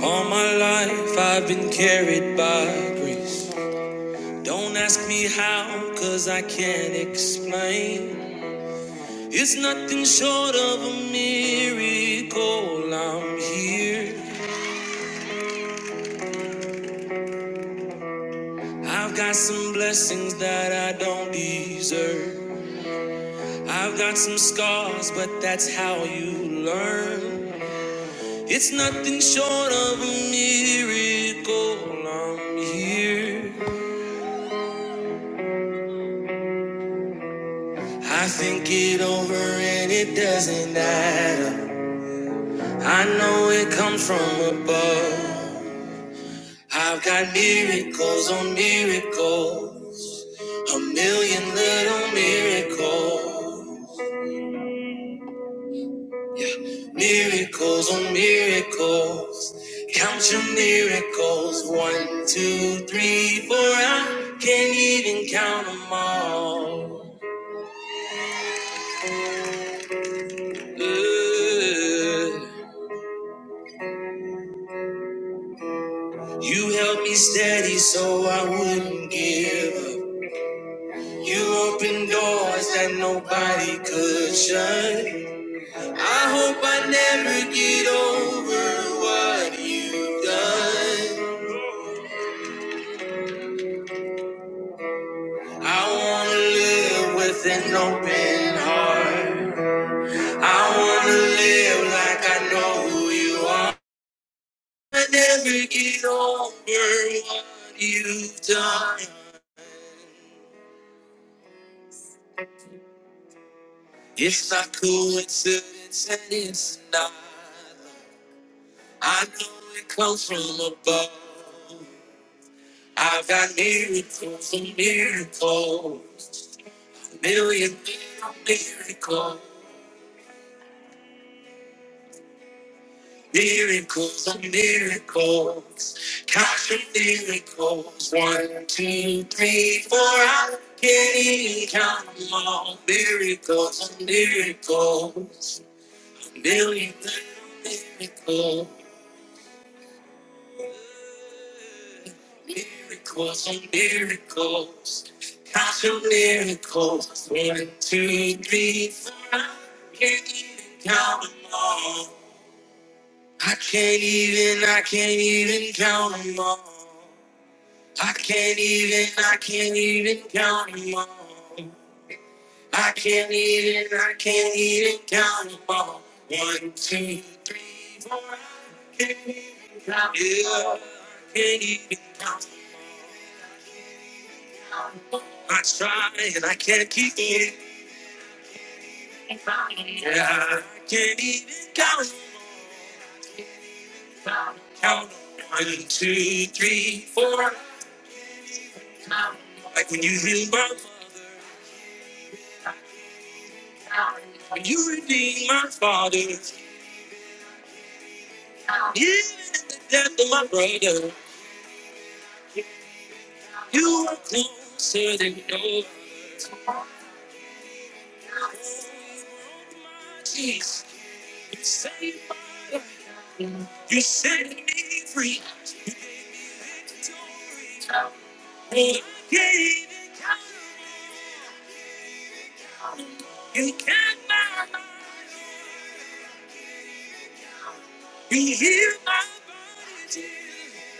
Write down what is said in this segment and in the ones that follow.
All my life I've been carried by grace. Don't ask me how, cause I can't explain. It's nothing short of a miracle I'm here. I've got some blessings that I don't deserve. I've got some scars, but that's how you learn. It's nothing short of a miracle I'm here. I think it over and it doesn't add up. I know it comes from above. I've got miracles on miracles, a million little miracles, miracles on miracles. Count your miracles, one, two, three, four. I can't even count them all. Ooh. You held me steady so I wouldn't give up. You opened doors that nobody could shut. I hope I never get over what you've done. I wanna live with an open heart. I wanna live like I know who you are. I never get over what you've done. It's not coincidence and it's not. I know it comes from above. I've got miracles and miracles, a million miracles, miracles and miracles. Count your miracles, one, two, three, four. I can't even count them all. Miracles and miracles, a million miracles. Miracles on miracles, count your miracles. One, two, three, four. I can't even count them all. I can't even, I can't even count them all. I can't even, I can't even count them all. I can't even, I can't even count them all. One, two, three, can't even count 'em all. I can't even I try and I can't keep it. Yeah, I can't even count. Count one, two, three, four. Like when you heal my, father, when you redeem my father, even at the death of my brother, you are closer than no. Jeez, you saved my life. You set me free. You gave me victory. Oh, I can't even count. He can my mind. He healed my body. dear.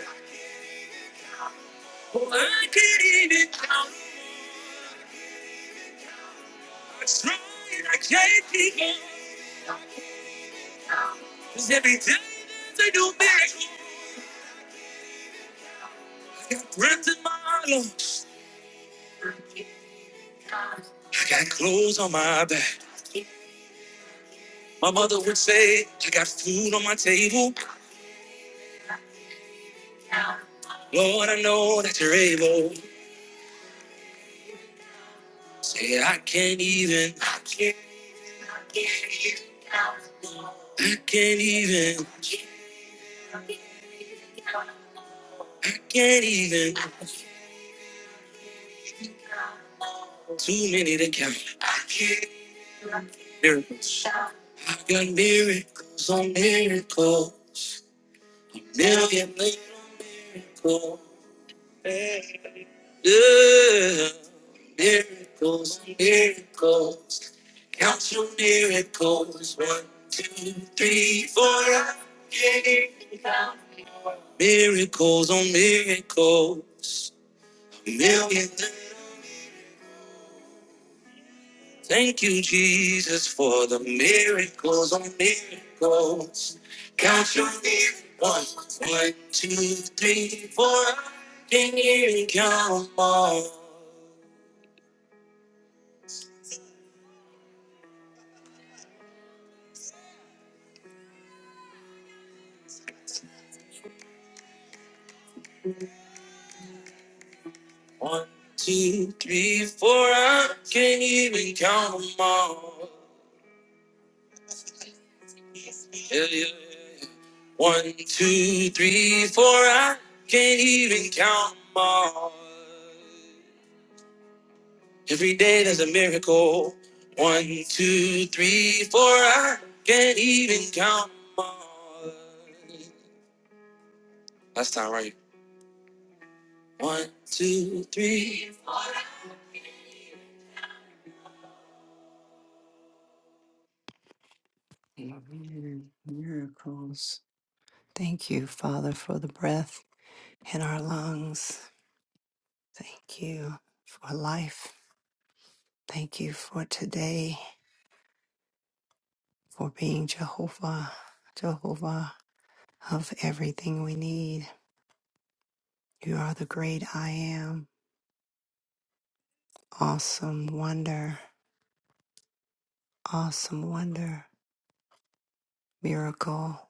Oh, I can't even count. I tried, I can't keep on. 'Cause every day there's a new miracle. I got breath in my lungs. I got clothes on my back. My mother would say, I got food on my table. Lord, I know that you're able. Say, I can't even, I can't, I can't even, I can't even. Too many to count. I can't. Miracles. I got miracles on miracle. Million miracle. Yeah. Miracles on miracles. Count your miracles. One, two, three, four. I can't. Miracles on miracles. Million Thank you, Jesus, for the miracles on miracles. Count your miracles. One, two, three, four. I Can hear you count 'em all? One, two, three, four. I can't even count 'em all. Yeah, yeah. One, two, three, four. I can't even count 'em all. Every day there's a miracle. One, two, three, four. I can't even count them all. Last time, right? One, two, three. Amen. Miracles. Thank you, Father, for the breath in our lungs. Thank you for life. Thank you for today, for being Jehovah, Jehovah of everything we need. You are the great I am, awesome wonder. awesome wonder, miracle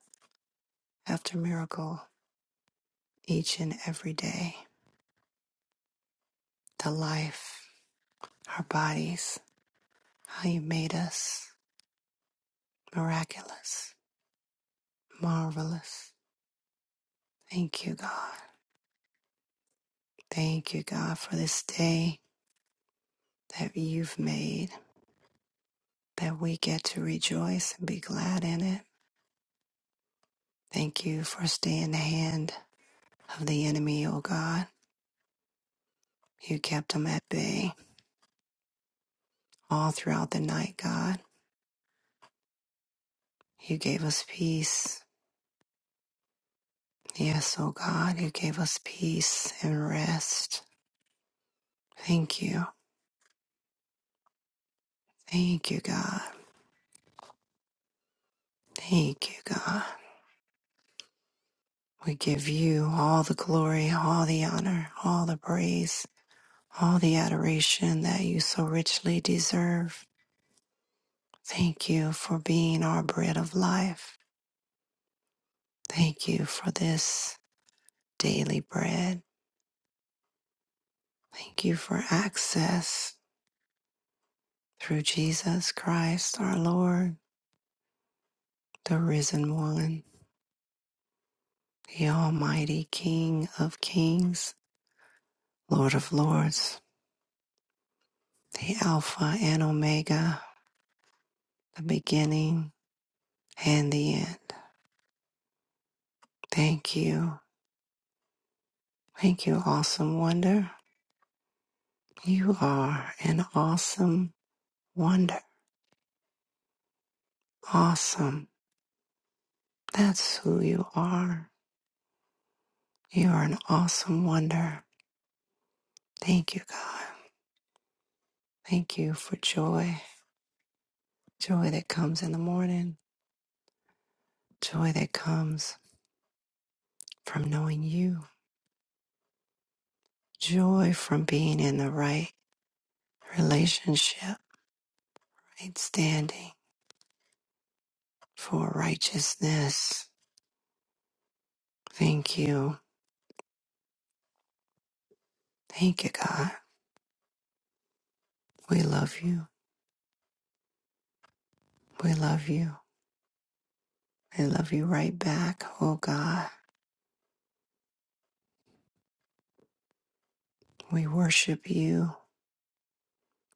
after miracle, each and every day. The life, our bodies, how you made us miraculous, marvelous. Thank you, God. Thank you, God, for this day that you've made, that we get to rejoice and be glad in it. Thank you for staying the hand of the enemy, O God. You kept them at bay all throughout the night, God. You gave us peace Yes, oh God, you gave us peace and rest. Thank you. Thank you, God. Thank you, God. We give you all the glory, all the honor, all the praise, all the adoration that you so richly deserve. Thank you for being our bread of life. Thank you for this daily bread. Thank you for access through Jesus Christ, our Lord, the risen one. the Almighty King of Kings, Lord of Lords, the Alpha and Omega, the beginning and the end. Thank you. Thank you, awesome wonder. You are an awesome wonder. Awesome. That's who you are. You are an awesome wonder. Thank you, God. Thank you for joy. Joy that comes in the morning. Joy that comes from knowing you. Joy from being in the right relationship, right standing for righteousness. Thank you. Thank you, God. We love you. We love you. We love you right back, oh God. We worship you.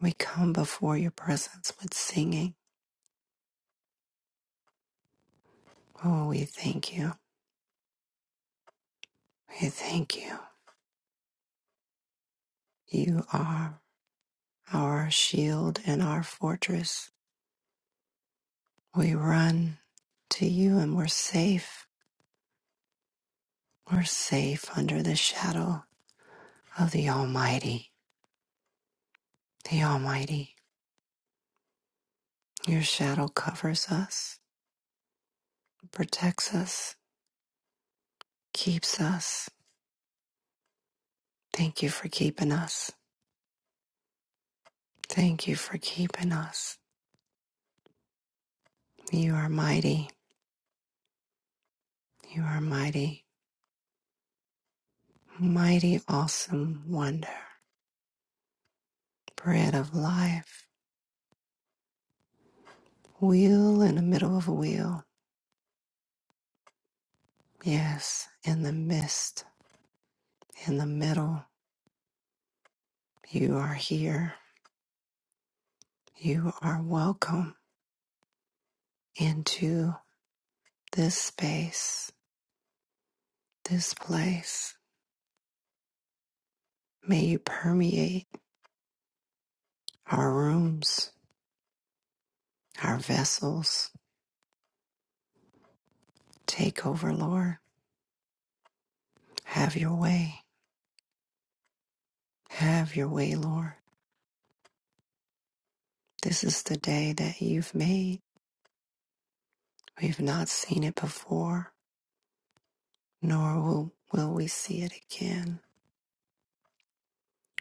We come before your presence with singing. Oh, we thank you. We thank you. You are our shield and our fortress. We run to you and we're safe. We're safe under the shadow of the Almighty. The Almighty, your shadow covers us, protects us, keeps us. Thank you for keeping us. Thank you for keeping us. You are mighty. You are mighty. Mighty, awesome wonder. Bread of life. Wheel in the middle of a wheel. Yes, in the midst, in the middle. You are here. You are welcome into this space, this place. May you permeate our rooms, our vessels. Take over, Lord. Have your way. Have your way, Lord. This is the day that you've made. We've not seen it before, nor will, will we see it again.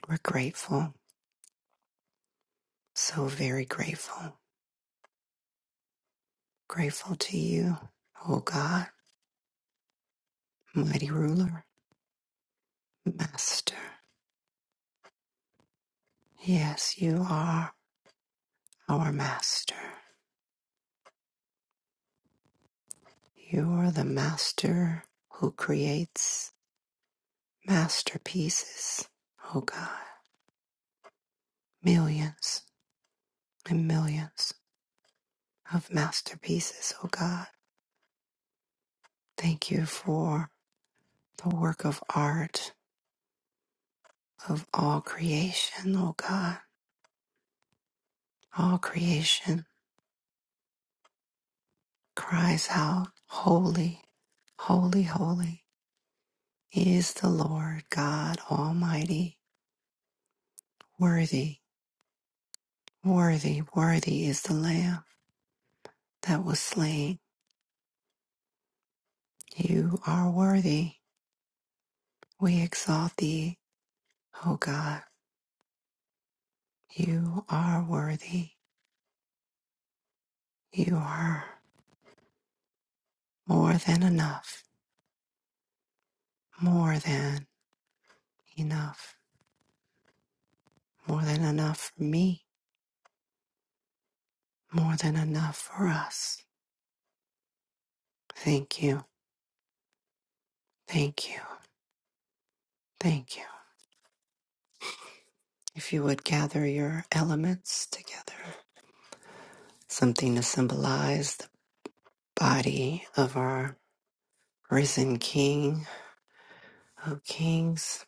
We're grateful, so very grateful. Grateful to you, O God, mighty ruler, master. Yes, you are our master. You are the master who creates masterpieces. Oh God, millions and millions of masterpieces. Oh God, thank you for the work of art of all creation. Oh God, all creation cries out, Holy, holy, holy is the Lord God Almighty. Worthy, worthy, worthy is the Lamb that was slain. You are worthy. We exalt thee, O God. You are worthy. You are more than enough, more than enough, more than enough for me, more than enough for us. Thank you, thank you, thank you. If you would gather your elements together, something to symbolize the body of our risen King of Kings,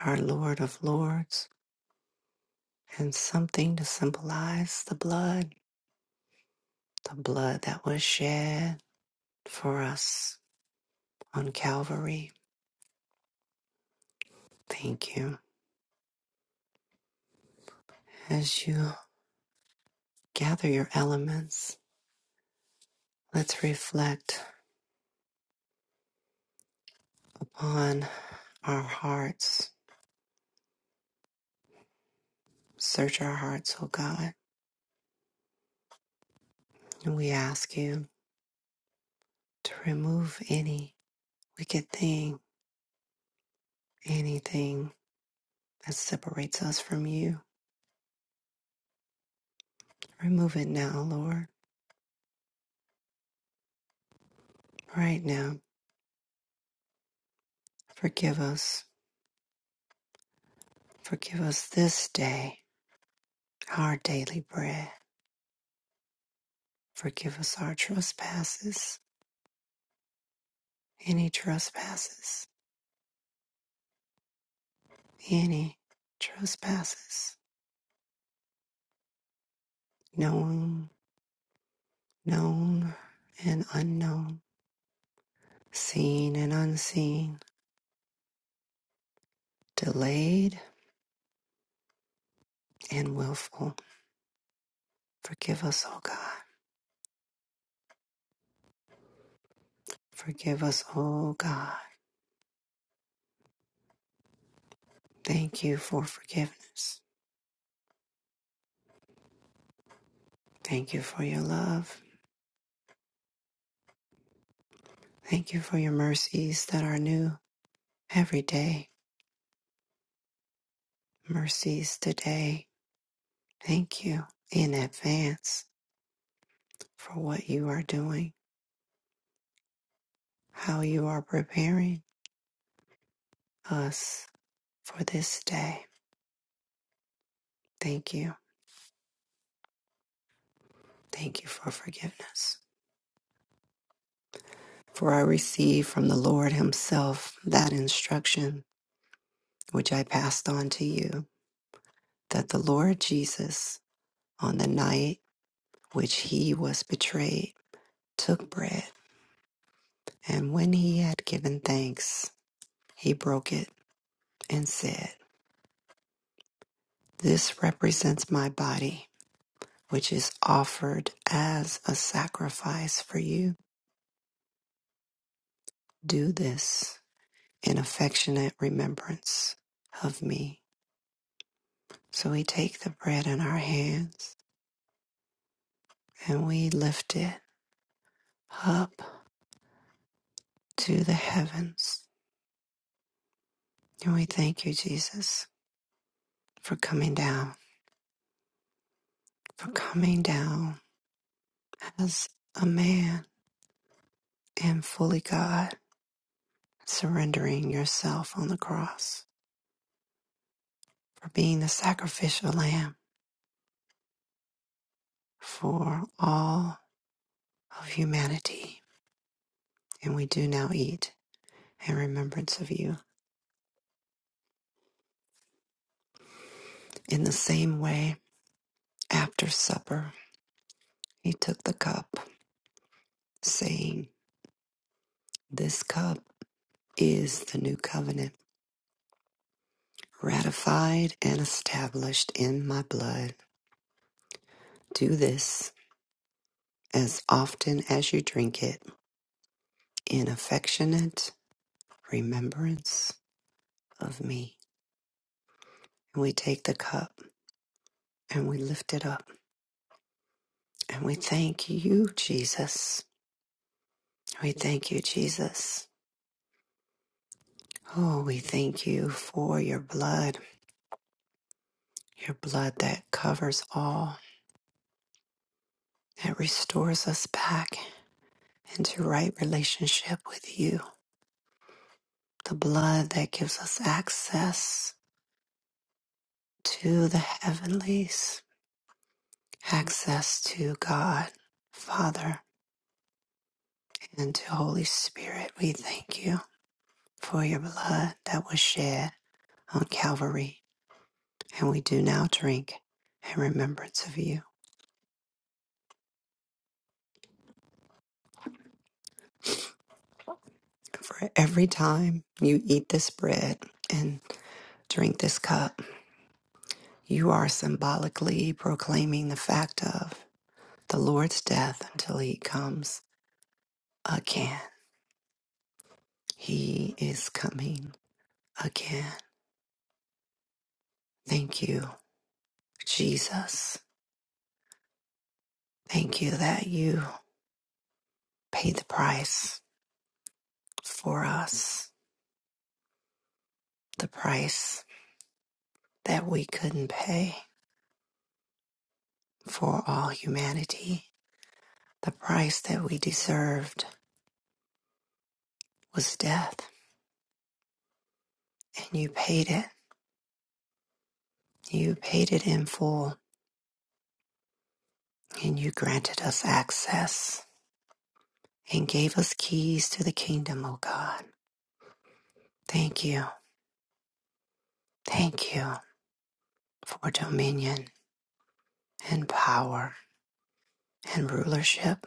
our Lord of Lords, and something to symbolize the blood, the blood that was shed for us on Calvary. Thank you. As you gather your elements, let's reflect upon our hearts. Search our hearts, O God. And we ask you to remove any wicked thing, anything that separates us from you. Remove it now, Lord. Right now. Forgive us. Forgive us this day our daily bread. Forgive us our trespasses, any trespasses any trespasses, known, known, and unknown, seen and unseen, delayed and willful. Forgive us, O God. Forgive us, O God. Thank you for forgiveness. Thank you for your love. Thank you for your mercies that are new every day. Mercies today. Thank you in advance for what you are doing, how you are preparing us for this day Thank you. Thank you for forgiveness. For I received from the Lord Himself that instruction which I passed on to you that the Lord Jesus, on the night which He was betrayed, took bread, and when He had given thanks, He broke it and said, This represents my body, which is offered as a sacrifice for you. Do this in affectionate remembrance of me. So we take the bread in our hands and we lift it up to the heavens. And we thank you, Jesus, for coming down, for coming down as a man and fully God, surrendering yourself on the cross, for being the sacrificial lamb for all of humanity. And we do now eat in remembrance of you. In the same way, after supper, he took the cup, saying, This cup is the new covenant, ratified and established in my blood. Do this as often as you drink it in affectionate remembrance of me. And we take the cup and we lift it up and we thank you, Jesus. We thank you, Jesus. Oh, we thank you for your blood, your blood that covers all, that restores us back into right relationship with you. the blood that gives us access to the heavenlies, access to God, Father, and to Holy Spirit. We thank you for your blood that was shed on Calvary, and we do now drink in remembrance of you. For every time you eat this bread and drink this cup, you are symbolically proclaiming the fact of the Lord's death until he comes again. He is coming again. Thank you, Jesus. Thank you that you paid the price for us, the price that we couldn't pay for all humanity. The price that we deserved was death, and you paid it. You paid it in full, and you granted us access and gave us keys to the kingdom, O God. Thank you. Thank you for dominion and power and rulership.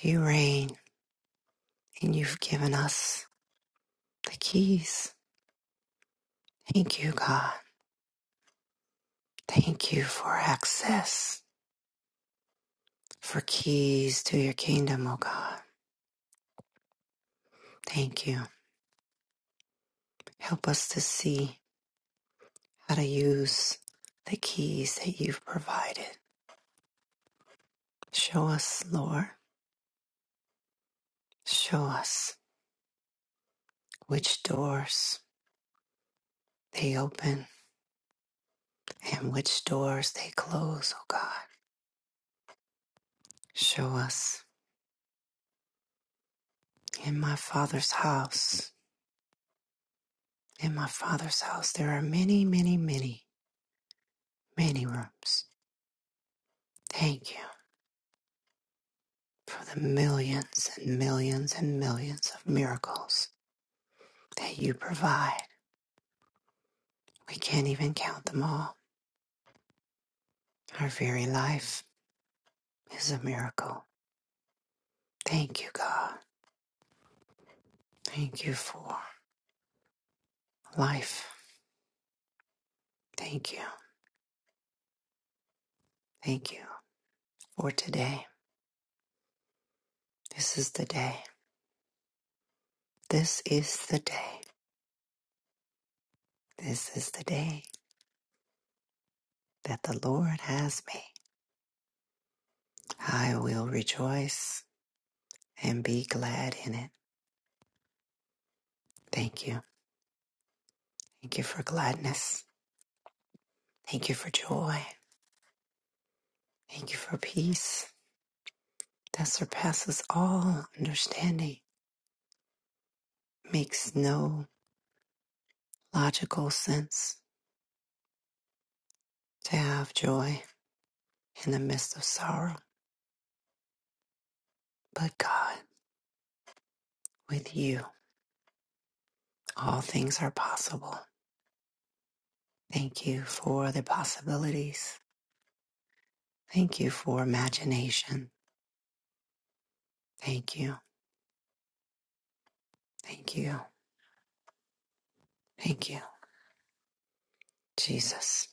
You reign, and you've given us the keys. Thank you, God. Thank you for access, for keys to your kingdom, O God. Thank you. Help us to see how to use the keys that you've provided. Show us, Lord, show us which doors they open and which doors they close, O God. Show us in my Father's house In my Father's house there are many, many, many, many rooms. Thank you for the millions and millions and millions of miracles that you provide. We can't even count them all. Our very life is a miracle. Thank you, God. Thank you for life. Thank you. Thank you for today. This is the day. This is the day. This is the day that the Lord has made. I will rejoice and be glad in it. Thank you. Thank you for gladness. Thank you for joy. Thank you for peace that surpasses all understanding. Makes no logical sense to have joy in the midst of sorrow. But God, with you, all things are possible. Thank you for the possibilities. Thank you for imagination. Thank you. Thank you. Thank you, Jesus.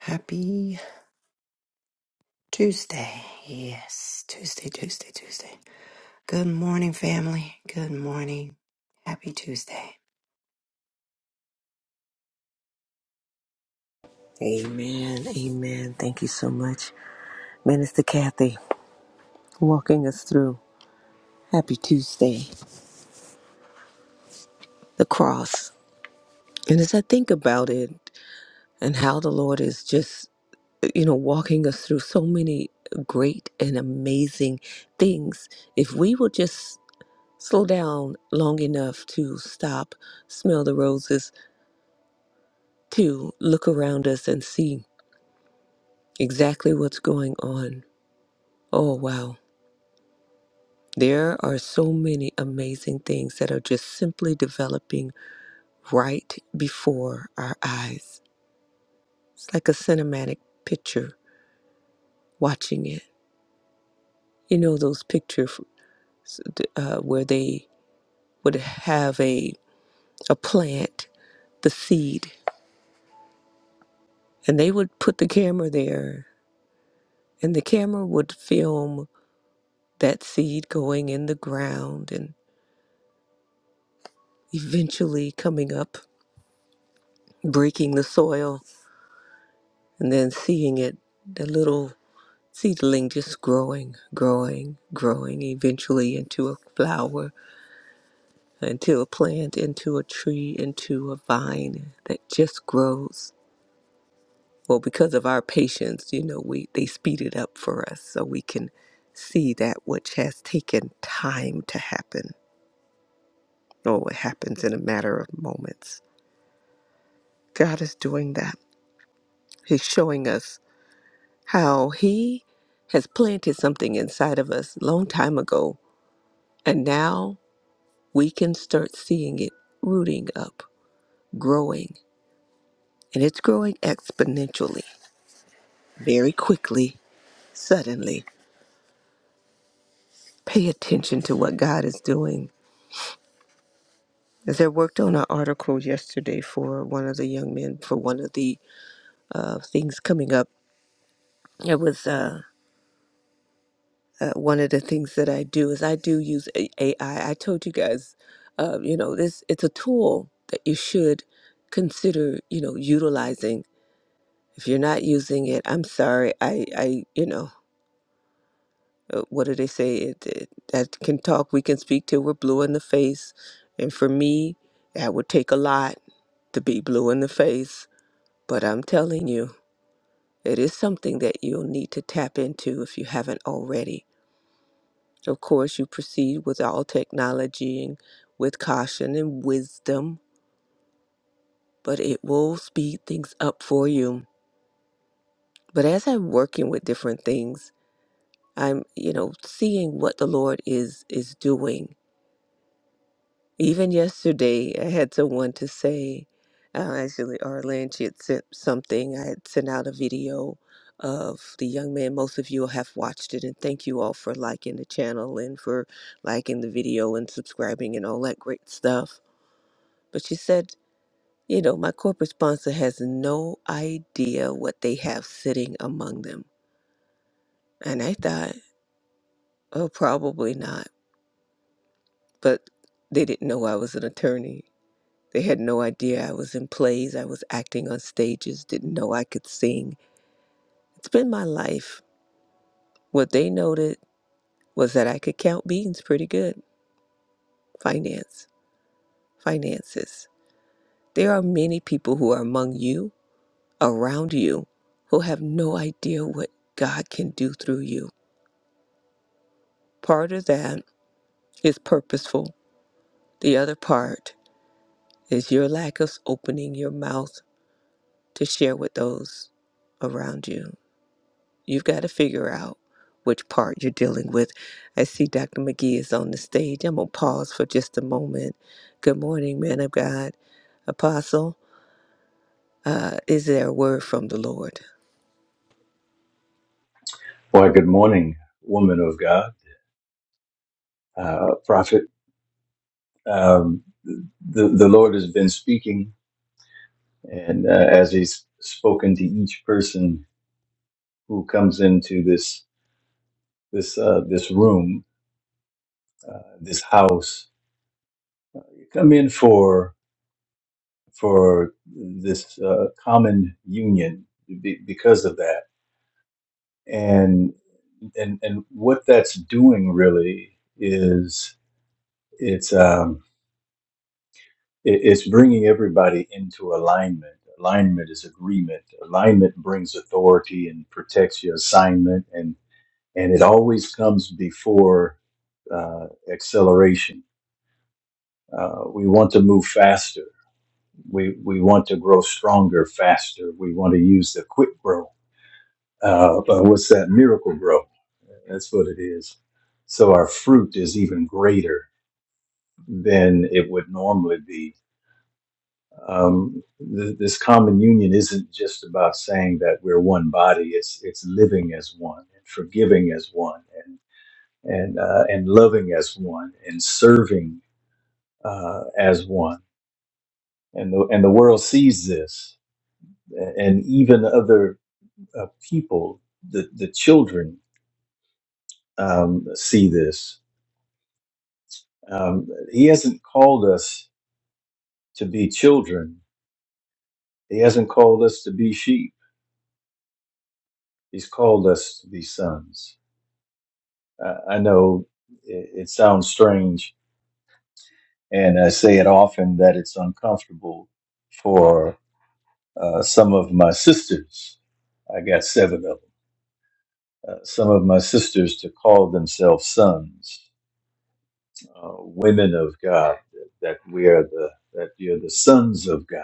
Happy Tuesday. Yes, Tuesday, Tuesday, Tuesday. Good morning, family. Good morning. Happy Tuesday. Amen. Amen. Thank you so much, Minister Kathy, walking us through Happy Tuesday, the cross. And as I think about it and how the Lord is just, you know, walking us through so many great and amazing things, if we will just slow down long enough to stop, smell the roses, to look around us and see exactly what's going on. Oh, wow. There are so many amazing things that are just simply developing right before our eyes. It's like a cinematic picture watching it. You know those pictures uh, where they would have a a plant, the seed, and they would put the camera there, and the camera would film that seed going in the ground and eventually coming up, breaking the soil, and then seeing it, the little seedling just growing, growing, growing, eventually into a flower, into a plant, into a tree, into a vine that just grows. Well, because of our patience, you know, we they speed it up for us so we can see that which has taken time to happen. Oh, it happens in a matter of moments. God is doing that. He's showing us how He has planted something inside of us a long time ago. And now we can start seeing it rooting up, growing, and it's growing exponentially, very quickly, suddenly. Pay attention to what God is doing. As I worked on an article yesterday for one of the young men, for one of the uh, things coming up, it was uh, uh, one of the things that I do is I do use A- AI. I told you guys, uh, you know, this it's a tool that you should consider, you know, utilizing if you're not using it i'm sorry i i you know uh, what do they say it, it, that can talk we can speak till we're blue in the face and for me that would take a lot to be blue in the face but i'm telling you it is something that you'll need to tap into if you haven't already of course you proceed with all technology and with caution and wisdom but it will speed things up for you but as i'm working with different things i'm you know seeing what the lord is is doing Even yesterday, I had someone to say, uh, actually, Arlen, she had sent something. I had sent out a video of the young man. Most of you have watched it, and thank you all for liking the channel and for liking the video and subscribing and all that great stuff. But she said, you know, my corporate sponsor has no idea what they have sitting among them. And I thought, oh, probably not. But they didn't know I was an attorney. They had no idea I was in plays, I was acting on stages, didn't know I could sing. It's been my life. What they noted was that I could count beans pretty good. Finance, finances. There are many people who are among you, around you, who have no idea what God can do through you. Part of that is purposeful, the other part is your lack of opening your mouth to share with those around you. You've got to figure out which part you're dealing with. I see Dr. McGee is on the stage. I'm going to pause for just a moment. Good morning, man of God. Apostle, uh, is there a word from the Lord? Well, good morning, woman of God, uh, prophet. Um, the, the Lord has been speaking, and uh, as He's spoken to each person who comes into this this uh, this room, uh, this house, you come in for for this uh, common union be, because of that, and and and what that's doing really is it's. Um, It- It's bringing everybody into alignment. Alignment is agreement. Alignment brings authority and protects your assignment, and and it always comes before uh, acceleration. Uh, we want to move faster. We we want to grow stronger faster. We want to use the quick grow. Uh, but what's that miracle grow? That's what it is. So our fruit is even greater than it would normally be um, th- this common union isn't just about saying that we're one body. It's it's living as one, and forgiving as one, and and uh, and loving as one, and serving uh, as one. And the and the world sees this, and even other uh, people, the the children um, see this. Um, he hasn't called us to be children. He hasn't called us to be sheep. He's called us to be sons Uh, I know it, it sounds strange, and I say it often that it's uncomfortable for uh, some of my sisters. I got seven of them. Uh, some of my sisters to call themselves sons, uh, women of God, that we are the that you're the sons of God.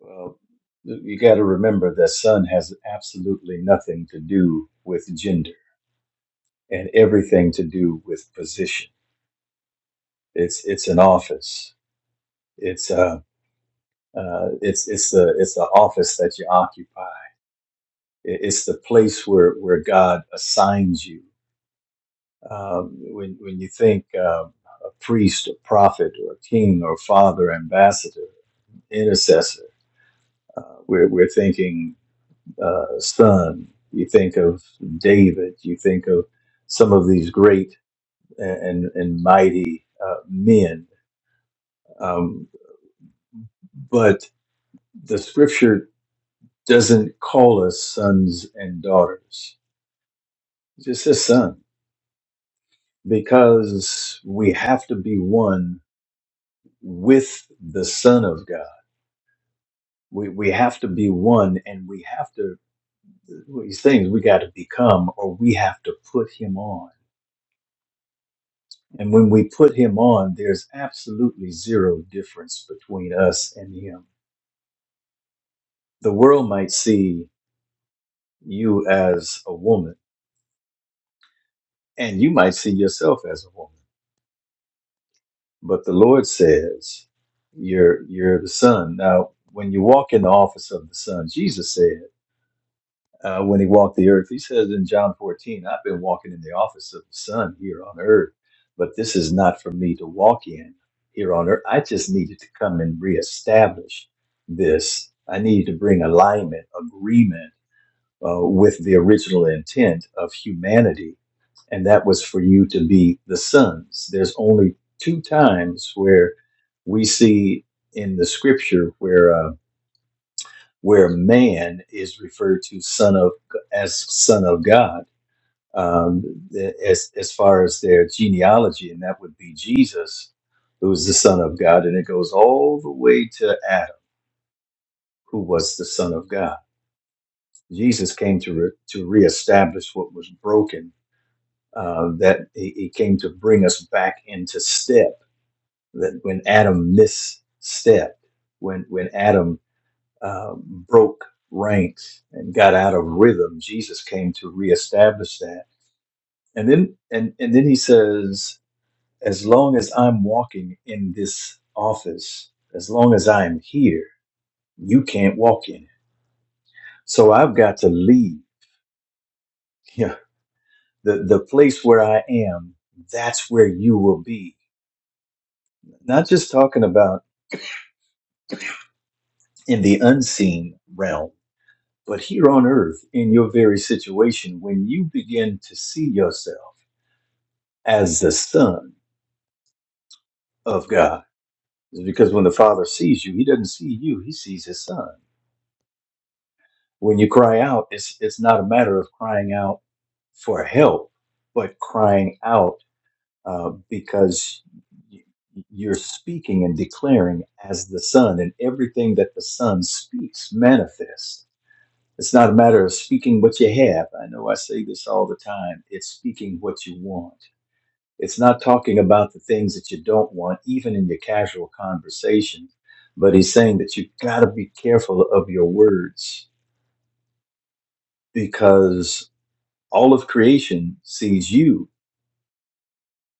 Well, you got to remember that son has absolutely nothing to do with gender and everything to do with position. It's it's an office. It's uh, Uh, it's it's the it's the office that you occupy. It's the place where where God assigns you. Um, when when you think um, a priest, a prophet, or a king, or father, ambassador, intercessor, uh, we're we're thinking uh, son. You think of David. You think of some of these great and and mighty uh, men. Um, but the Scripture doesn't call us sons and daughters Just his son, because we have to be one with the Son of God. We we have to be one, and we have to these things we got to become, or we have to put him on. And when we put him on, there's absolutely zero difference between us and him. The world might see you as a woman, and you might see yourself as a woman but the Lord says, "You're you're the Son." Now, when you walk in the office of the Son, Jesus said uh, when he walked the earth, he says in John 14, "I've been walking in the office of the Son here on earth, but this is not for me to walk in here on earth. I just needed to come and reestablish this. I needed to bring alignment, agreement." uh, with the original intent of humanity, and that was for you to be the sons. There's only two times where we see in the scripture where uh, where man is referred to son of as son of God um, as as far as their genealogy, and that would be Jesus, who is the son of God, and it goes all the way to Adam, who was the son of God. Jesus came to re- to reestablish what was broken uh, that he, he came to bring us back into step. That when Adam misstepped, when when Adam uh, broke ranks and got out of rhythm, Jesus came to reestablish that. And then and and then he says, as long as I'm walking in this office, as long as I'm here, you can't walk in it. So I've got to leave. Yeah, the the place where I am, that's where you will be. Not just talking about. in the unseen realm, but here on earth, in your very situation, when you begin to see yourself as the Son of God, because when the Father sees you, He doesn't see you, He sees His Son. When you cry out, it's, it's not a matter of crying out for help, but crying out uh, because you're speaking and declaring as the Son, and everything that the Son speaks manifests It's not a matter of speaking what you have. I know I say this all the time. It's speaking what you want. It's not talking about the things that you don't want, even in your casual conversation. But he's saying that you've got to be careful of your words because all of creation sees you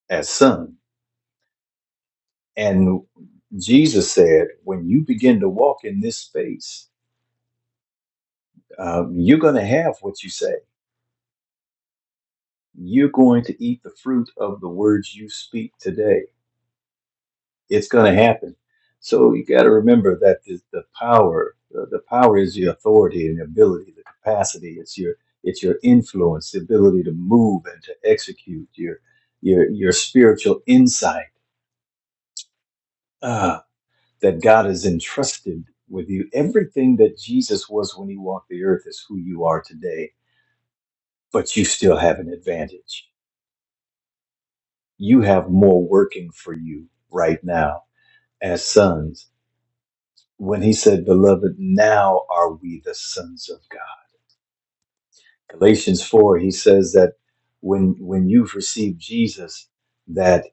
as son. And Jesus said, when you begin to walk in this space, um, you're going to have what you say. You're going to eat the fruit of the words you speak today It's going to happen. So you got to remember that the, the power, the, the power is your authority and your ability, the capacity. It's your it's your influence, the ability to move and to execute your your your spiritual insight uh, that God has entrusted with you. Everything that Jesus was when he walked the earth is who you are today, but you still have an advantage. You have more working for you right now as sons when he said, Beloved, now are we the sons of God. Galatians 4, he says that when when you've received Jesus, that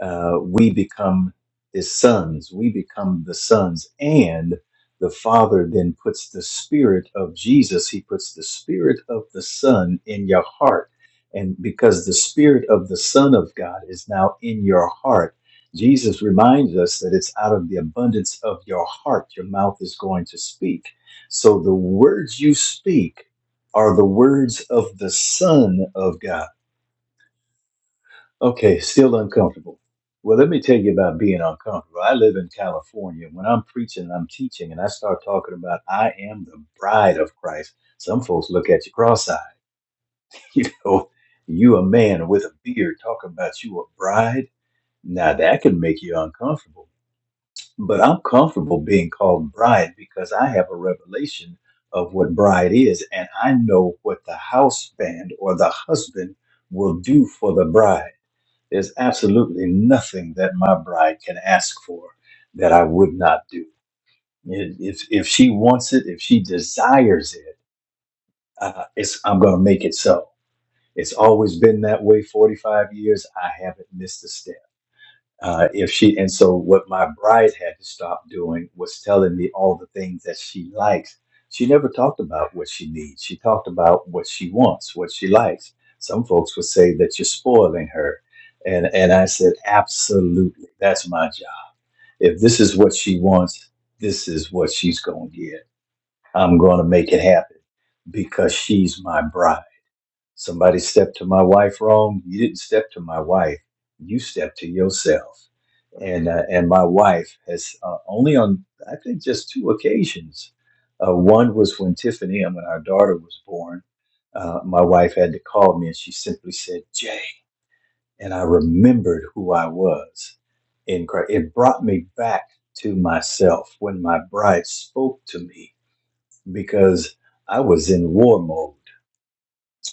uh, we become his sons, we become the sons, and the Father then puts the Spirit of Jesus, he puts the Spirit of the Son in your heart. And because the Spirit of the Son of God is now in your heart, Jesus reminds us that it's out of the abundance of your heart your mouth is going to speak. So the words you speak are the words of the Son of God. Okay, still uncomfortable. Well, let me tell you about being uncomfortable. I live in California. When I'm preaching I'm teaching and I start talking about I am the bride of Christ, some folks look at you cross-eyed. You know, you a man with a beard talking about you a bride. Now that can make you uncomfortable. but I'm comfortable being called bride because I have a revelation of what bride is, and I know what the house band or the husband will do for the bride. There's absolutely nothing that my bride can ask for that I would not do. If if if she wants it, if she desires it, uh, it's I'm gonna make it so. It's always been that way. 45 years, I haven't missed a step uh, if she and so what my bride had to stop doing was telling me all the things that she likes she never talked about what she needs she talked about what she wants what she likes some folks would say that you're spoiling her and and i said absolutely that's my job if this is what she wants this is what she's going to get i'm going to make it happen because she's my bride Somebody stepped to my wife wrong. You didn't step to my wife. You stepped to yourself. And uh, and my wife has uh, only on I think just two occasions. Uh, one was when Tiffany and when our daughter was born. Uh, my wife had to call me, and she simply said, "Jay," and I remembered who I was in Christ. It brought me back to myself when my bride spoke to me because I was in war mode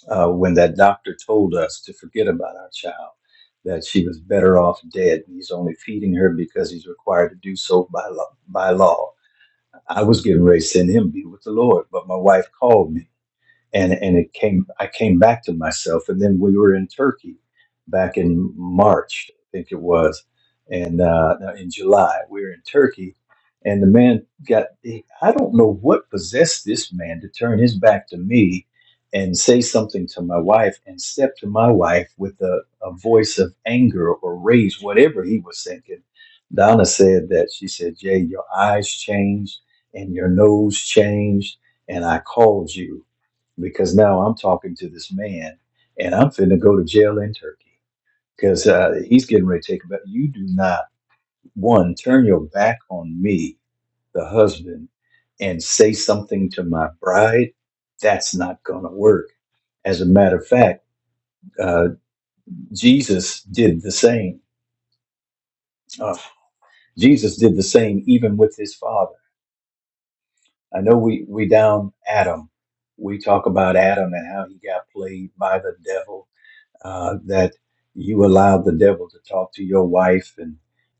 uh, when that doctor told us to forget about our child, that she was better off dead. He's only feeding her because he's required to do so by law. By law. I was getting ready to send him to be with the Lord, but my wife called me and and it came I came back to myself and then we were in Turkey back in March I think it was and uh, no, in July we were in Turkey and the man got he- I don't know what possessed this man to turn his back to me and say something to my wife and step to my wife with a, a voice of anger or rage whatever he was thinking Donna said that she said Jay your eyes changed and your nose changed and I called you because now I'm talking to this man and I'm finna go to jail in Turkey because uh, he's getting ready to take a bet. You do not, one, turn your back on me, the husband, and say something to my bride. That's not going to work. As a matter of fact, uh, Jesus did the same. Uh, Jesus did the same even with his father. I know we, we down Adam. We talk about Adam and how he got played by the devil uh, that you allowed the devil to talk to your wife and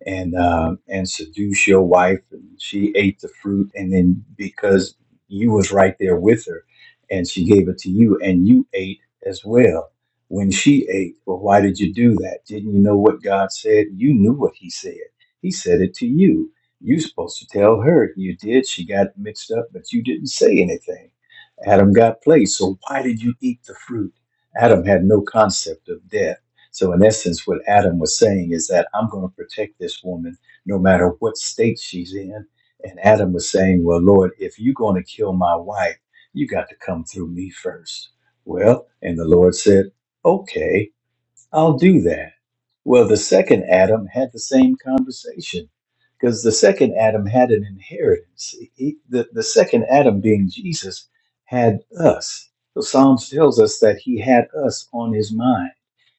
and uh, and seduce your wife, and she ate the fruit, and then because you was right there with her, and she gave it to you, and you ate as well. When she ate, well, why did you do that? Didn't you know what God said? You knew what He said. He said it to you. You supposed to tell her. You did. She got mixed up, but you didn't say anything. Adam got placed. So why did you eat the fruit? Adam had no concept of death. So, in essence, what Adam was saying is that I'm going to protect this woman no matter what state she's in. And Adam was saying, Well, Lord, if you're going to kill my wife, you got to come through me first. Well, and the Lord said, Okay. I'll do that. Well, the second Adam had the same conversation because the second Adam had an inheritance. He- the, the second Adam, being Jesus, had us. So Psalms tells us that he had us on his mind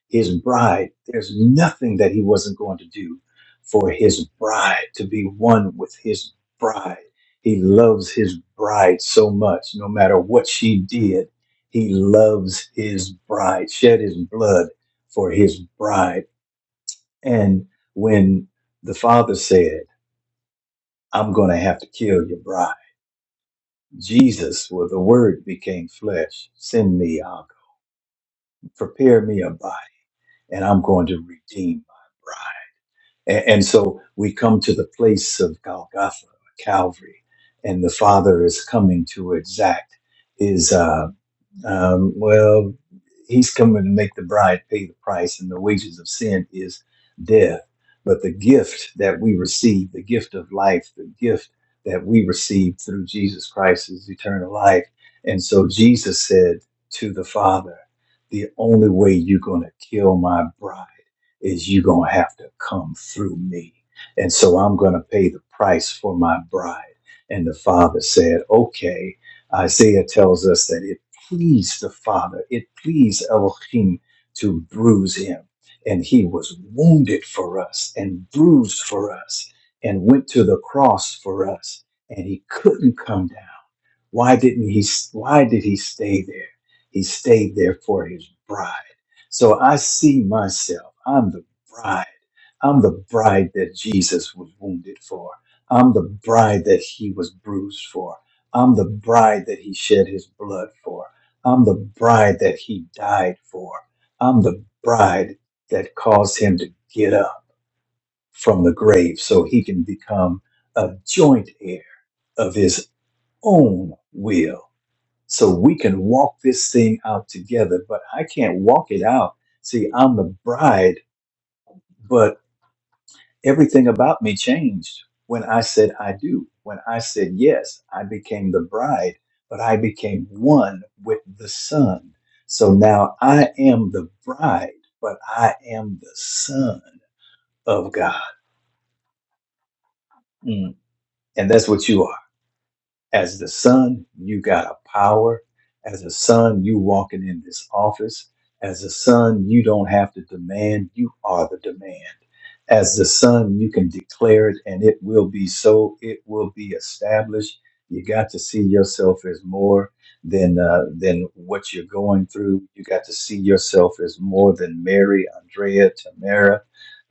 his bride. There's nothing that he wasn't going to do for his bride, to be one with his bride. He loves his bride so much, no matter what she did. He loves his bride, shed his blood for his bride. And when the father said, I'm going to have to kill your bride, Jesus, where the word became flesh, send me, I'll prepare me a body, and I'm going to redeem my bride. A- And so we come to the place of Golgotha, Calvary, and the Father is coming to exact his, uh, um, well, he's coming to make the bride pay the price, and the wages of sin is death. But the gift that we receive, the gift of life, the gift that we receive through Jesus Christ is eternal life. And so Jesus said to the Father, The only way you're going to kill my bride is you going to have to come through me. And so I'm going to pay the price for my bride. And the father said, okay. Isaiah tells us that it pleased the father, it pleased Elohim to bruise him. And he was wounded for us and bruised for us and went to the cross for us. And he couldn't come down. Why didn't he why did he stay there? He stayed there for his bride. So I see myself. I'm the bride. I'm the bride that Jesus was wounded for. I'm the bride that he was bruised for. I'm the bride that he shed his blood for. I'm the bride that he died for. I'm the bride that caused him to get up from the grave so he can become a joint heir of his own will so we can walk this thing out together. But I can't walk it out. See, I'm the bride, but everything about me changed when I said I do. When I said yes, I became the bride, but I became one with the Son. So now I am the bride, but I am the Son of God. Mm. And that's what you are. As the son, you got a power. As a son, you walking in this office. As a son, you don't have to demand. You are the demand. As the son, you can declare it and it will be so. It will be established. You got to see yourself as more than uh, than what you're going through. You got to see yourself as more than Mary, Andrea, Tamara,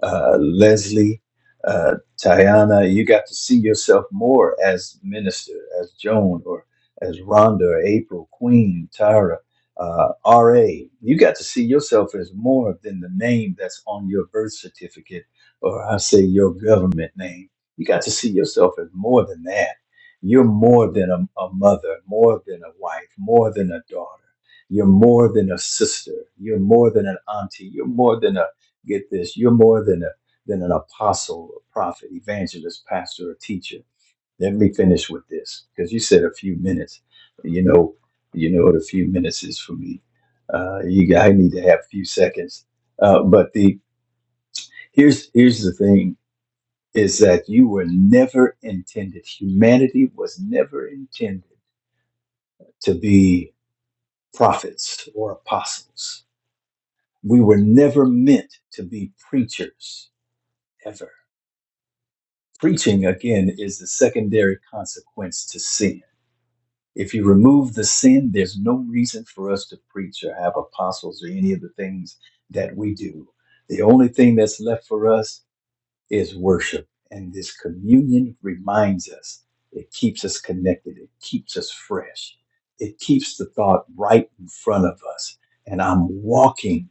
uh, Leslie. uh, Tayana, you got to see yourself more as minister, as Joan, or as Rhonda, or April, Queen, Tyra, uh, R.A. You got to see yourself as more than the name that's on your birth certificate, or I say your government name. You got to see yourself as more than that. You're more than a, a mother, more than a wife, more than a daughter. You're more than a sister. You're more than an auntie. You're more than a, get this, you're more than a than an apostle, a prophet, evangelist, pastor, or teacher. Let me finish with this because you said a few minutes. You know, you know what a few minutes is for me. Uh, you I need to have a few seconds. Uh, but the here's here's the thing is that you were never intended. Humanity was never intended to be prophets or apostles. We were never meant to be preachers ever Preaching, again, is the secondary consequence to sin. If you remove the sin, there's no reason for us to preach or have apostles or any of the things that we do. The only thing that's left for us is worship. And this communion reminds us, it keeps us connected, it keeps us fresh, it keeps the thought right in front of us. And I'm walking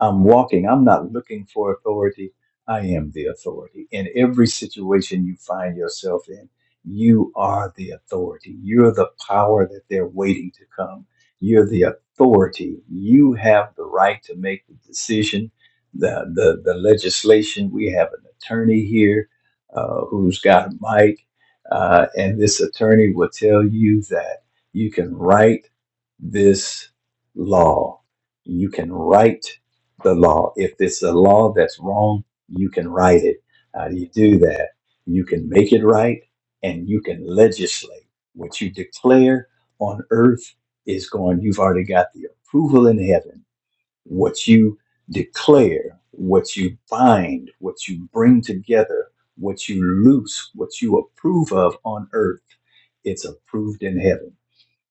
I'm walking. I'm not looking for authority. I am the authority. In every situation you find yourself in, you are the authority. You're the power that they're waiting to come. You're the authority. You have the right to make the decision, the, the, the legislation. We have an attorney here uh, who's got a mic, uh, and this attorney will tell you that you can write this law. You can write the law. If it's a law that's wrong, you can right it. How do you do that? You can make it right and you can legislate. What you declare on earth is going, you've already got the approval in heaven. What you declare, what you bind, what you bring together, what you loose, what you approve of on earth, it's approved in heaven.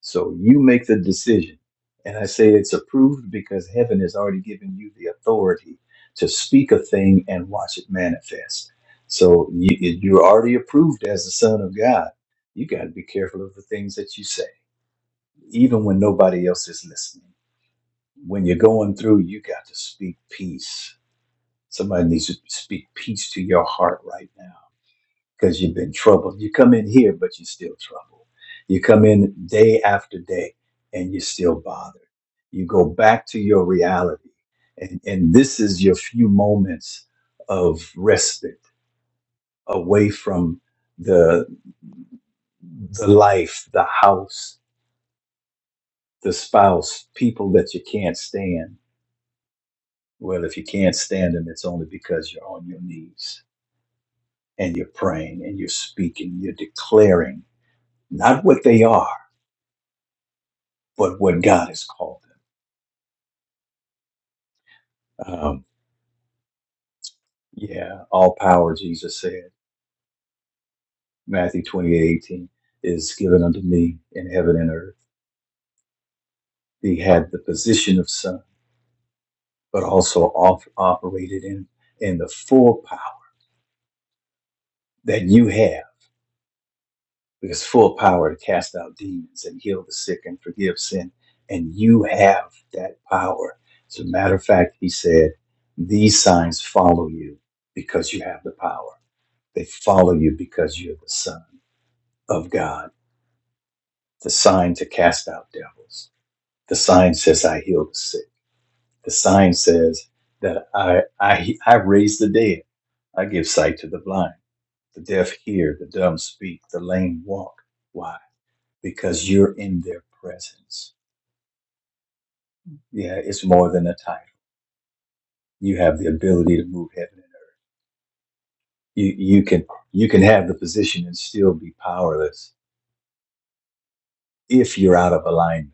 So you make the decision. And I say it's approved because heaven has already given you the authority to speak a thing and watch it manifest. So you, you're already approved as the Son of God. You got to be careful of the things that you say, even when nobody else is listening. When you're going through, you got to speak peace. Somebody needs to speak peace to your heart right now because you've been troubled. You come in here, but you're still troubled. You come in day after day and you're still bothered. You go back to your reality. And, and this is your few moments of respite away from the, the life, the house, the spouse, people that you can't stand. Well, if you can't stand them, it's only because you're on your knees and you're praying and you're speaking, you're declaring not what they are but what God has called them. Um, yeah, all power, Jesus said, Matthew 28 18, is given unto me in heaven and earth. He had the position of son, but also off, operated in, in the full power that you have, because full power to cast out demons and heal the sick and forgive sin. And you have that power. As a matter of fact, he said, These signs follow you because you have the power. They follow you because you're the son of God The sign to cast out devils. The sign says I heal the sick. The sign says that I I I raise the dead. I give sight to the blind. The deaf hear, the dumb speak, the lame walk. Why? Because you're in their presence. Yeah, it's more than a title. You have the ability to move heaven and earth. You you can you can have the position and still be powerless if you're out of alignment.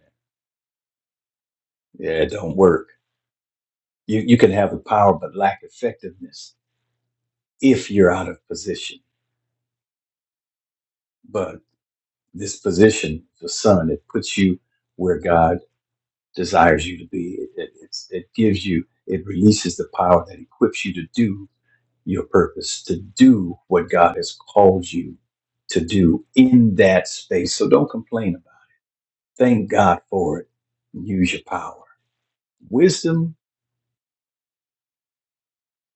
Yeah, it don't work. You you can have the power but lack effectiveness if you're out of position But this position, the son, it puts you where God desires you to be. It, it, it's, it gives you, it releases the power that equips you to do your purpose, to do what God has called you to do in that space. So don't complain about it. Thank God for it. Use your power, wisdom,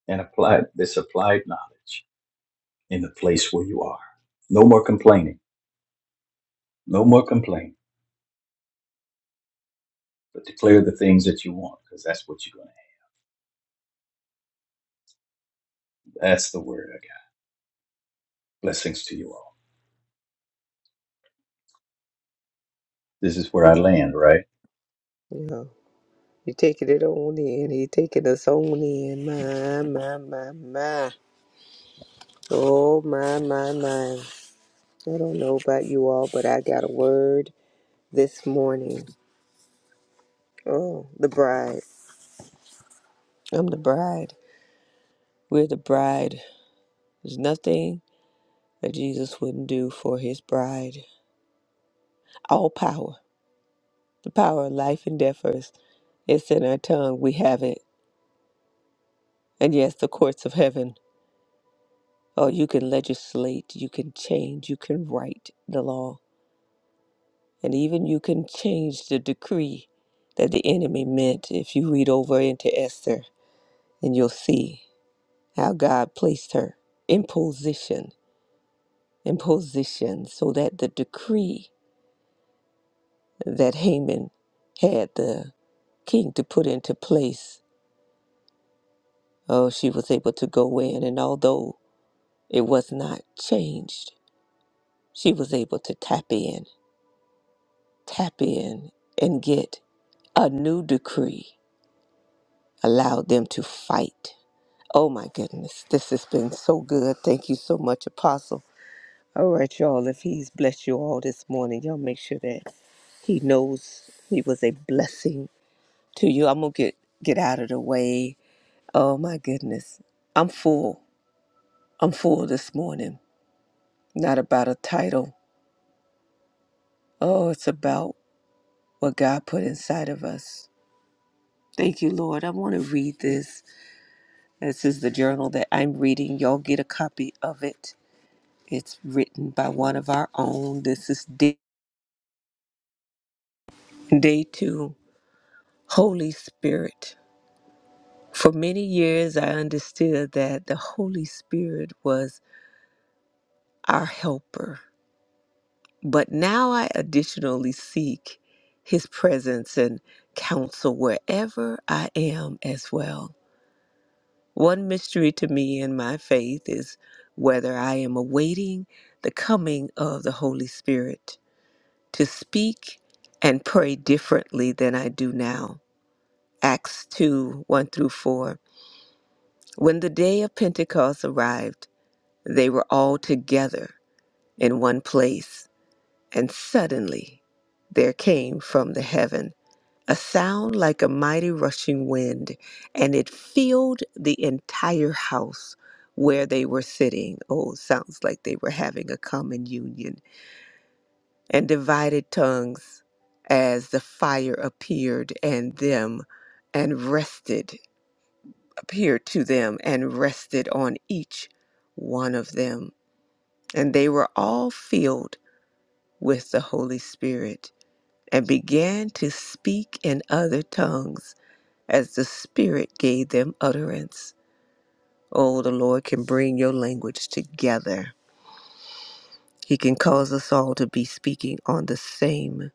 and apply this applied knowledge in the place where you are. No more complaining. No more complaining. But declare the things that you want, because that's what you're going to. have. That's the word. Blessings to you all. This is where I land, right? Yeah, you taking it on in. He taking us on in. My, my, my, my. Oh, my, my, my. I don't know about you all, but I got a word this morning. Oh, the bride. I'm the bride. We're the bride. There's nothing that Jesus wouldn't do for his bride. All power, the power of life and death 1st it's in our tongue. We have it. And yes, the courts of heaven. Oh, you can legislate, you can change, you can write the law, and even you can change the decree that the enemy meant. If you read over into Esther, and you'll see how God placed her in position, in position, so that the decree that Haman had the king to put into place Oh, she was able to go in, and although it was not changed, she was able to tap in, tap in, and get a new decree allowed them to fight. Oh my goodness, this has been so good. Thank you so much, Apostle. All right, y'all, if he's blessed you all this morning, y'all make sure that he knows he was a blessing to you. I'm gonna get get out of the way. Oh my goodness. I'm full. I'm full this morning. not about a title. Oh, it's about what God put inside of us. Thank you, Lord. I want to read this. This is the journal that I'm reading. Y'all get a copy of it. It's written by one of our own. This is day, day two Holy Spirit. For many years, I understood that the Holy Spirit was our helper, but now I additionally seek his presence and counsel wherever I am as well. One mystery to me in my faith is whether I am awaiting the coming of the Holy Spirit to speak and pray differently than I do now. Acts 2 1 through 4. When the day of Pentecost arrived, they were all together in one place, and suddenly there came from the heaven a sound like a mighty rushing wind, and it filled the entire house where they were sitting. Oh, sounds like they were having a common union. And divided tongues as the fire appeared and them and rested, appeared to them and rested on each one of them. And they were all filled with the Holy Spirit and began to speak in other tongues as the Spirit gave them utterance. Oh, the Lord can bring your language together. He can cause us all to be speaking on the same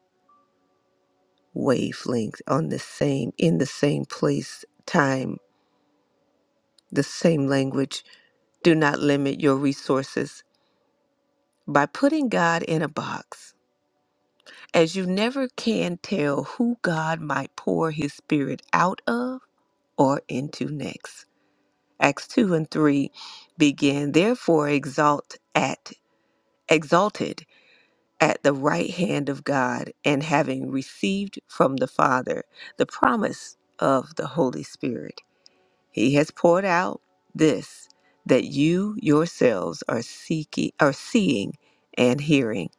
wavelength, on the same, in the same place, time, the same language. Do not limit your resources by putting God in a box. As you never can tell who God might pour his spirit out of or into next. Acts 2 and 3 begin, Therefore exalt at exalted at the right hand of God and having received from the Father the promise of the Holy Spirit. He has poured out this that you yourselves are seeking are seeing and hearing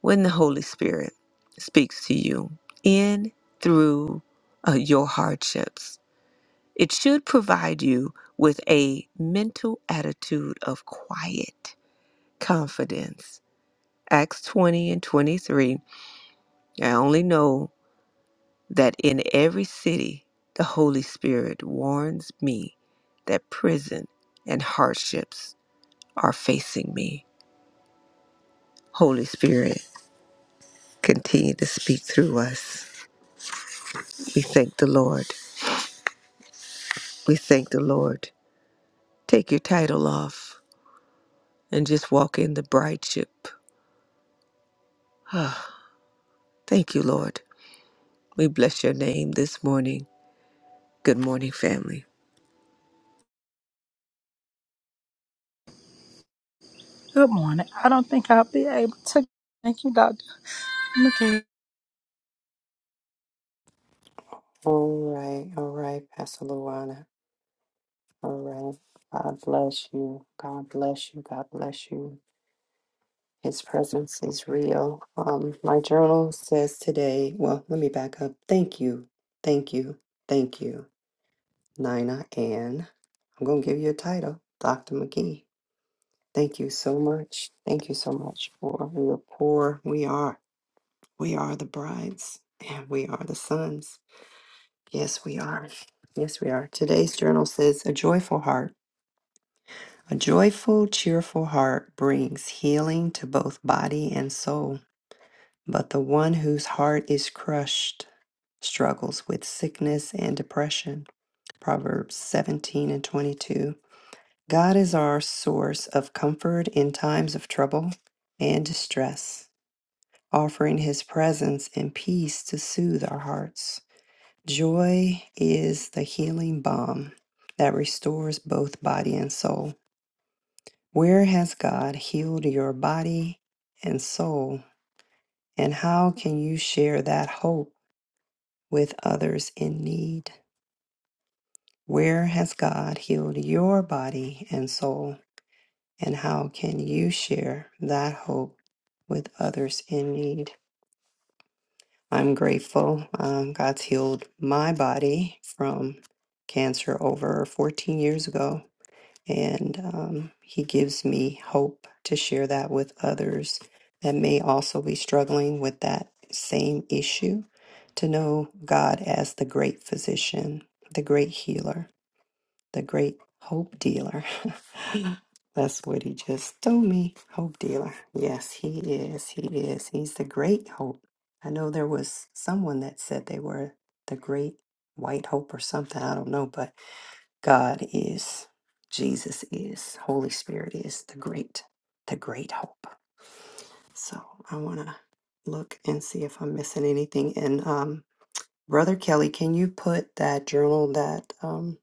when the Holy Spirit speaks to you in through uh, your hardships. It should provide you with a mental attitude of quiet confidence. Acts 20 and 23 I only know that in every city, the Holy Spirit warns me that prison and hardships are facing me. Holy Spirit, continue to speak through us. We thank the Lord. We thank the Lord. Take your title off and just walk in the brideship. Ah, thank you, Lord. We bless your name this morning. Good morning, family. Good morning. I don't think I'll be able to. Thank you, Doctor. McKee. All right, all right, Pastor Luana. All right. God bless you. God bless you. God bless you. His presence is real. Um, my journal says today, well, let me back up. Thank you. Thank you. Thank you, Nina Ann. I'm gonna give you a title, Dr. McGee. Thank you so much. Thank you so much for your poor. We are. We are the brides and we are the sons. Yes, we are. Yes, we are. Today's journal says a joyful heart. A joyful, cheerful heart brings healing to both body and soul. But the one whose heart is crushed struggles with sickness and depression. Proverbs 17 and 22. God is our source of comfort in times of trouble and distress, offering his presence and peace to soothe our hearts. Joy is the healing balm that restores both body and soul. Where has God healed your body and soul? And how can you share that hope with others in need? Where has God healed your body and soul? And how can you share that hope with others in need? I'm grateful. Um, God's healed my body from cancer over 14 years ago And um, he gives me hope to share that with others that may also be struggling with that same issue to know God as the great physician, the great healer, the great hope dealer. That's what he just told me. Hope dealer. Yes, he is. He is. He's the great hope. I know there was someone that said they were the great white hope or something. I don't know, but. God is, Jesus is, Holy Spirit is the great, the great hope. So I want to look and see if I'm missing anything. And um, Brother Kelly, can you put that journal that um,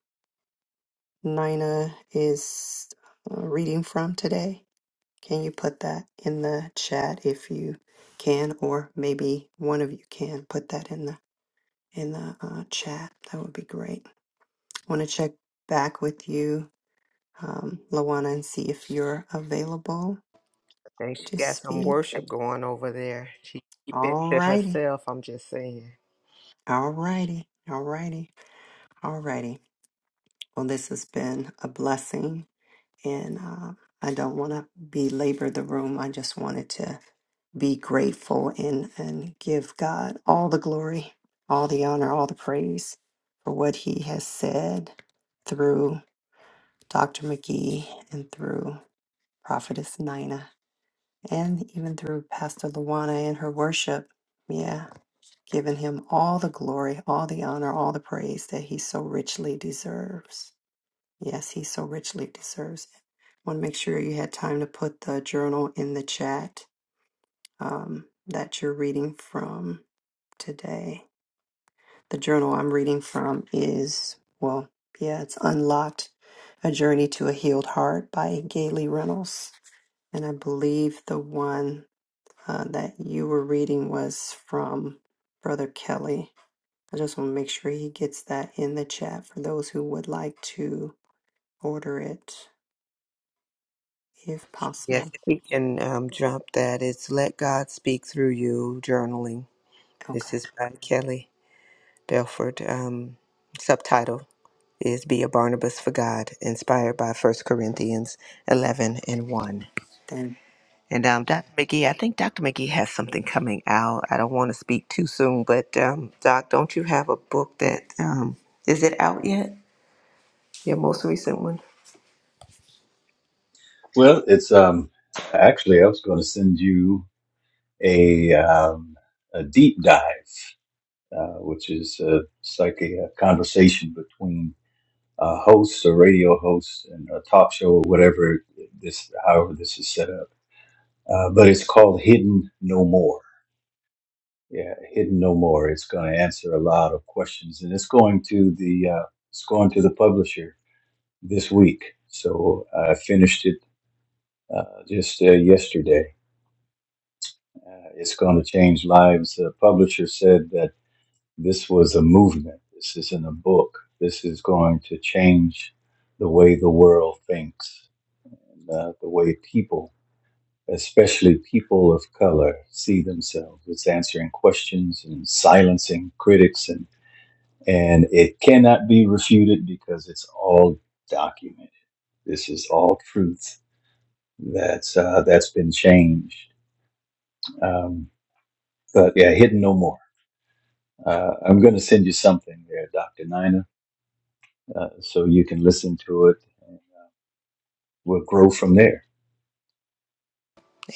Nina is uh, reading from today? Can you put that in the chat if you can, or maybe one of you can put that in the in the uh, chat? That would be great. I want to check back with you um, Lawana and see if you're available I think she to got some speak. worship going over there. She keep it All to righty. herself. I'm just saying. All righty. All righty. All righty. Well, this has been a blessing, and uh, I don't want to belabor the room. I just wanted to be grateful and, and give God all the glory, all the honor, all the praise for what He has said through Dr. McGee and through Prophetess Nina and even through Pastor Luana and her worship. Yeah, giving him all the glory, all the honor, all the praise that he so richly deserves. Yes, he so richly deserves. want to make sure you had time to put the journal in the chat um, that you're reading from today. The journal I'm reading from is, well, yeah, it's Unlocked A Journey to a Healed Heart by Gayle Reynolds. And I believe the one. uh, that you were reading was from Brother Kelly. I just want to make sure he gets that in the chat for those who would like to order it if Yes, possible. if we can um, drop that, it's Let God Speak Through You Journaling. This Okay, is by Kelly Belford. Um, subtitle is Be a Barnabas for God, inspired by First Corinthians 11 and 1. then And um, Dr. McGee, I think Dr. McGee has something coming out. I don't want to speak too soon, but um, Doc, don't you have a book that um, is it out yet? Your most recent one? Well, it's um actually I was going to send you a um, a deep dive, uh, which is uh, it's like a, a conversation between a host, a radio host, and a talk show, or whatever this, however this is set up. Uh, but it's called Hidden No More. Yeah, Hidden No More. It's going to answer a lot of questions, and it's going to the uh, it's going to the publisher this week. So uh, I finished it uh, just uh, yesterday. Uh, it's going to change lives. The publisher said that this was a movement. This isn't a book. This is going to change the way the world thinks, and, uh, the way people, especially people of color, see themselves. It's answering questions and silencing critics, and, and it cannot be refuted because it's all documented. This is all truth that's uh, that's been changed. Um, but yeah, hidden no more. Uh, I'm going to send you something there, Dr. Nina, uh, so you can listen to it. We'll grow from there.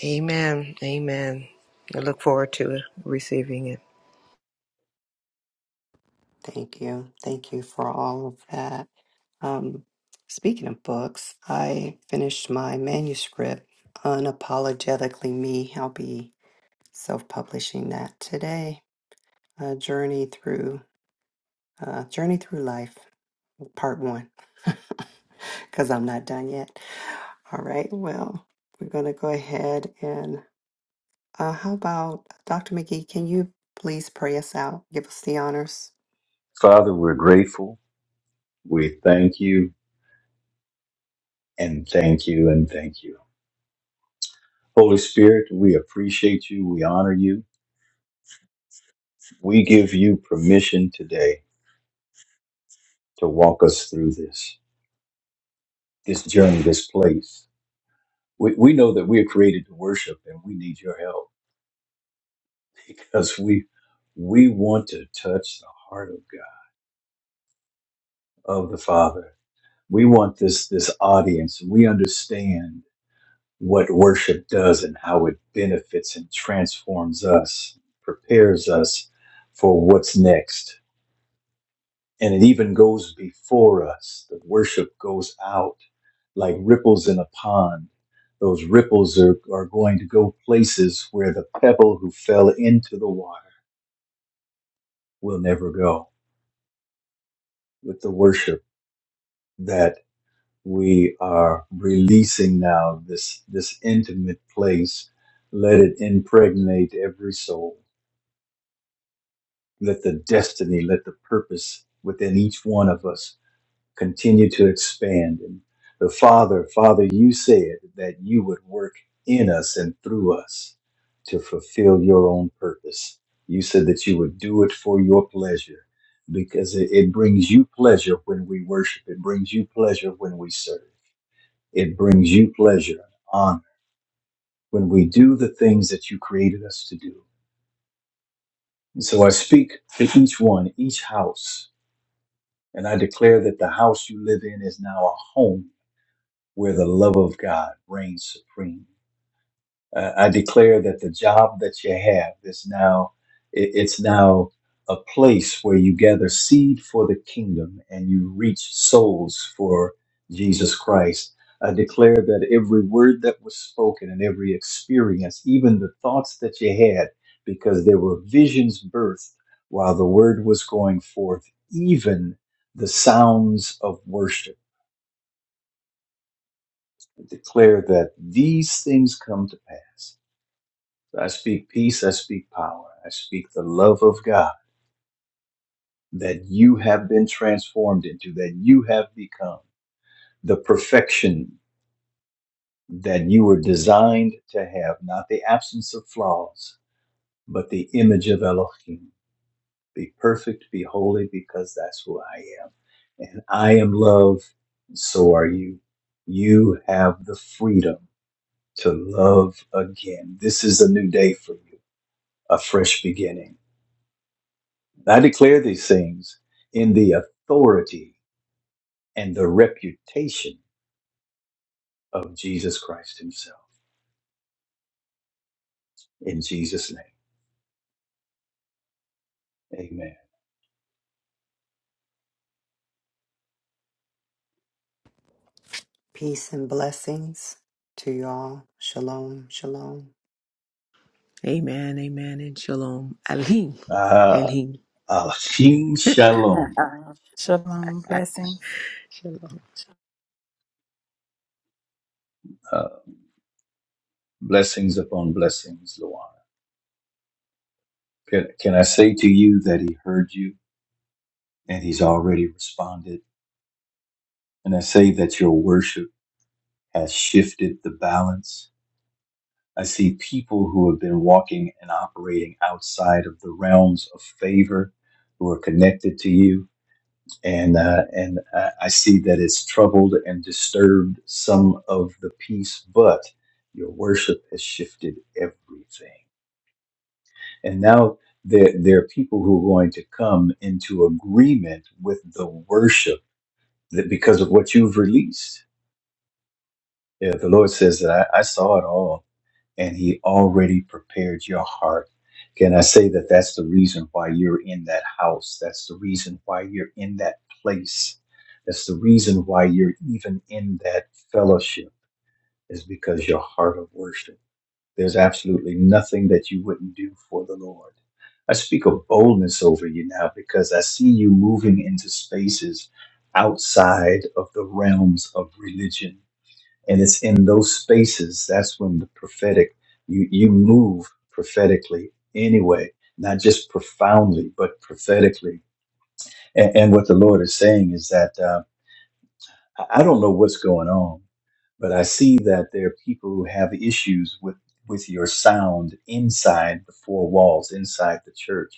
Amen. Amen. I look forward to receiving it. thank you. Thank you for all of that. Um, speaking of books, I finished my manuscript, Unapologetically Me. I'll be self publishing that today. A journey through, uh, journey through life. part one, because I'm not done yet. All right, well, we're going to go ahead and uh, how about Dr. McGee? Can you please pray us out? Give us the honors. Father, we're grateful. We thank you and thank you and thank you. Holy Spirit, we appreciate you. We honor you. We give you permission today to walk us through this, this journey, this place. We, we know that we are created to worship and we need your help. because we we want to touch the heart of God, of the Father. We want this this audience. We understand what worship does and how it benefits and transforms us, prepares us for what's next. And it even goes before us. The worship goes out like ripples in a pond. Those ripples are, are going to go places where the pebble who fell into the water will never go with the worship that we are releasing now this this intimate place let it impregnate every soul let the destiny let the purpose within each one of us continue to expand and the father father you said that you would work in us and through us to fulfill your own purpose you said that you would do it for your pleasure because it, it brings you pleasure when we worship it brings you pleasure when we serve it brings you pleasure and honor when we do the things that you created us to do. And so I speak to each one, each house, and I declare that the house you live in is now a home where the love of God reigns supreme. Uh, I declare that the job that you have is now it- it's now a place where you gather seed for the kingdom and you reach souls for Jesus Christ. I declare that every word that was spoken and every experience, even the thoughts that you had, because there were visions birthed while the word was going forth, even the sounds of worship. I declare that these things come to pass So I speak peace, I speak power, I speak the love of God that you have been transformed into, that you have become the perfection that you were designed to have, not the absence of flaws, but the image of Elohim. Be perfect, be holy, because that's who I am. And I am love, and so are you. You have the freedom to love again. This is a new day for you, a fresh beginning I declare these things in the authority and the reputation of Jesus Christ Himself. In Jesus' name, Amen. Peace and blessings to you all. Shalom, shalom. Amen, amen, and shalom. Alim, Uh, alim. Achim Shalom. Shalom. Blessings. shalom. Uh, blessings upon blessings, Luana. Can, can I say to you that He heard you and He's already responded? And I say that your worship has shifted the balance. I see people who have been walking and operating outside of the realms of favor who are connected to you and uh, and I, I see that it's troubled and disturbed some of the peace, but your worship has shifted everything. And now there there are people who are going to come into agreement with the worship that because of what you've released. Yeah, the Lord says that I, I saw it all and he already prepared your heart. Can I say that that's the reason why you're in that house? That's the reason why you're in that place. That's the reason why you're even in that fellowship is because your heart of worship. There's absolutely nothing that you wouldn't do for the Lord. I speak of boldness over you now because I see you moving into spaces outside of the realms of religion and it's in those spaces that's when the prophetic you you move prophetically anyway not just profoundly but prophetically and, and what the lord is saying is that uh, I I don't know what's going on, but I see that there are people who have issues with with your sound inside the four walls, inside the church.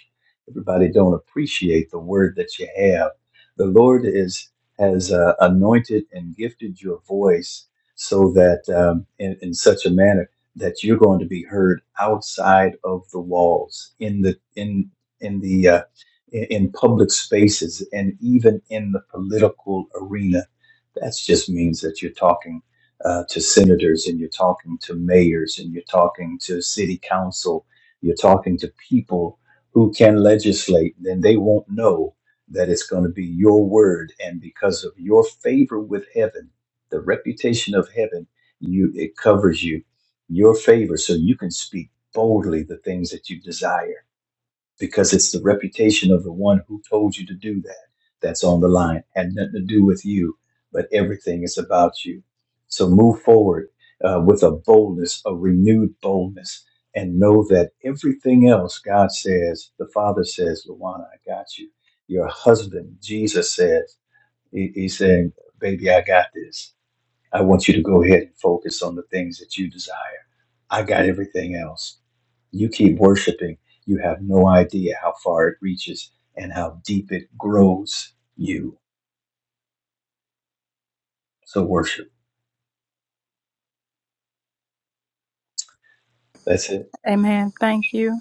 Everybody don't appreciate the word that you have. The Lord is has uh, anointed and gifted your voice so that um, in, in such a manner that you're going to be heard outside of the walls, in the in in the uh, in in public spaces, and even in the political arena that just means that you're talking uh, to senators and you're talking to mayors and you're talking to city council. You're talking to people who can legislate, then they won't know that it's going to be your word. And because of your favor with heaven, the reputation of heaven, you it covers you, your favor, so you can speak boldly the things that you desire because it's the reputation of the one who told you to do that that's on the line. Had nothing to do with you, but everything is about you. So move forward uh, with a boldness, a renewed boldness, and know that everything else God says, the Father says, Luana, I got you. Your husband, Jesus says, he, He's saying, Baby, I got this. I want you to go ahead and focus on the things that you desire. I got everything else you keep worshiping. You have no idea how far it reaches and how deep it grows you. So worship. That's it. Amen. Thank you.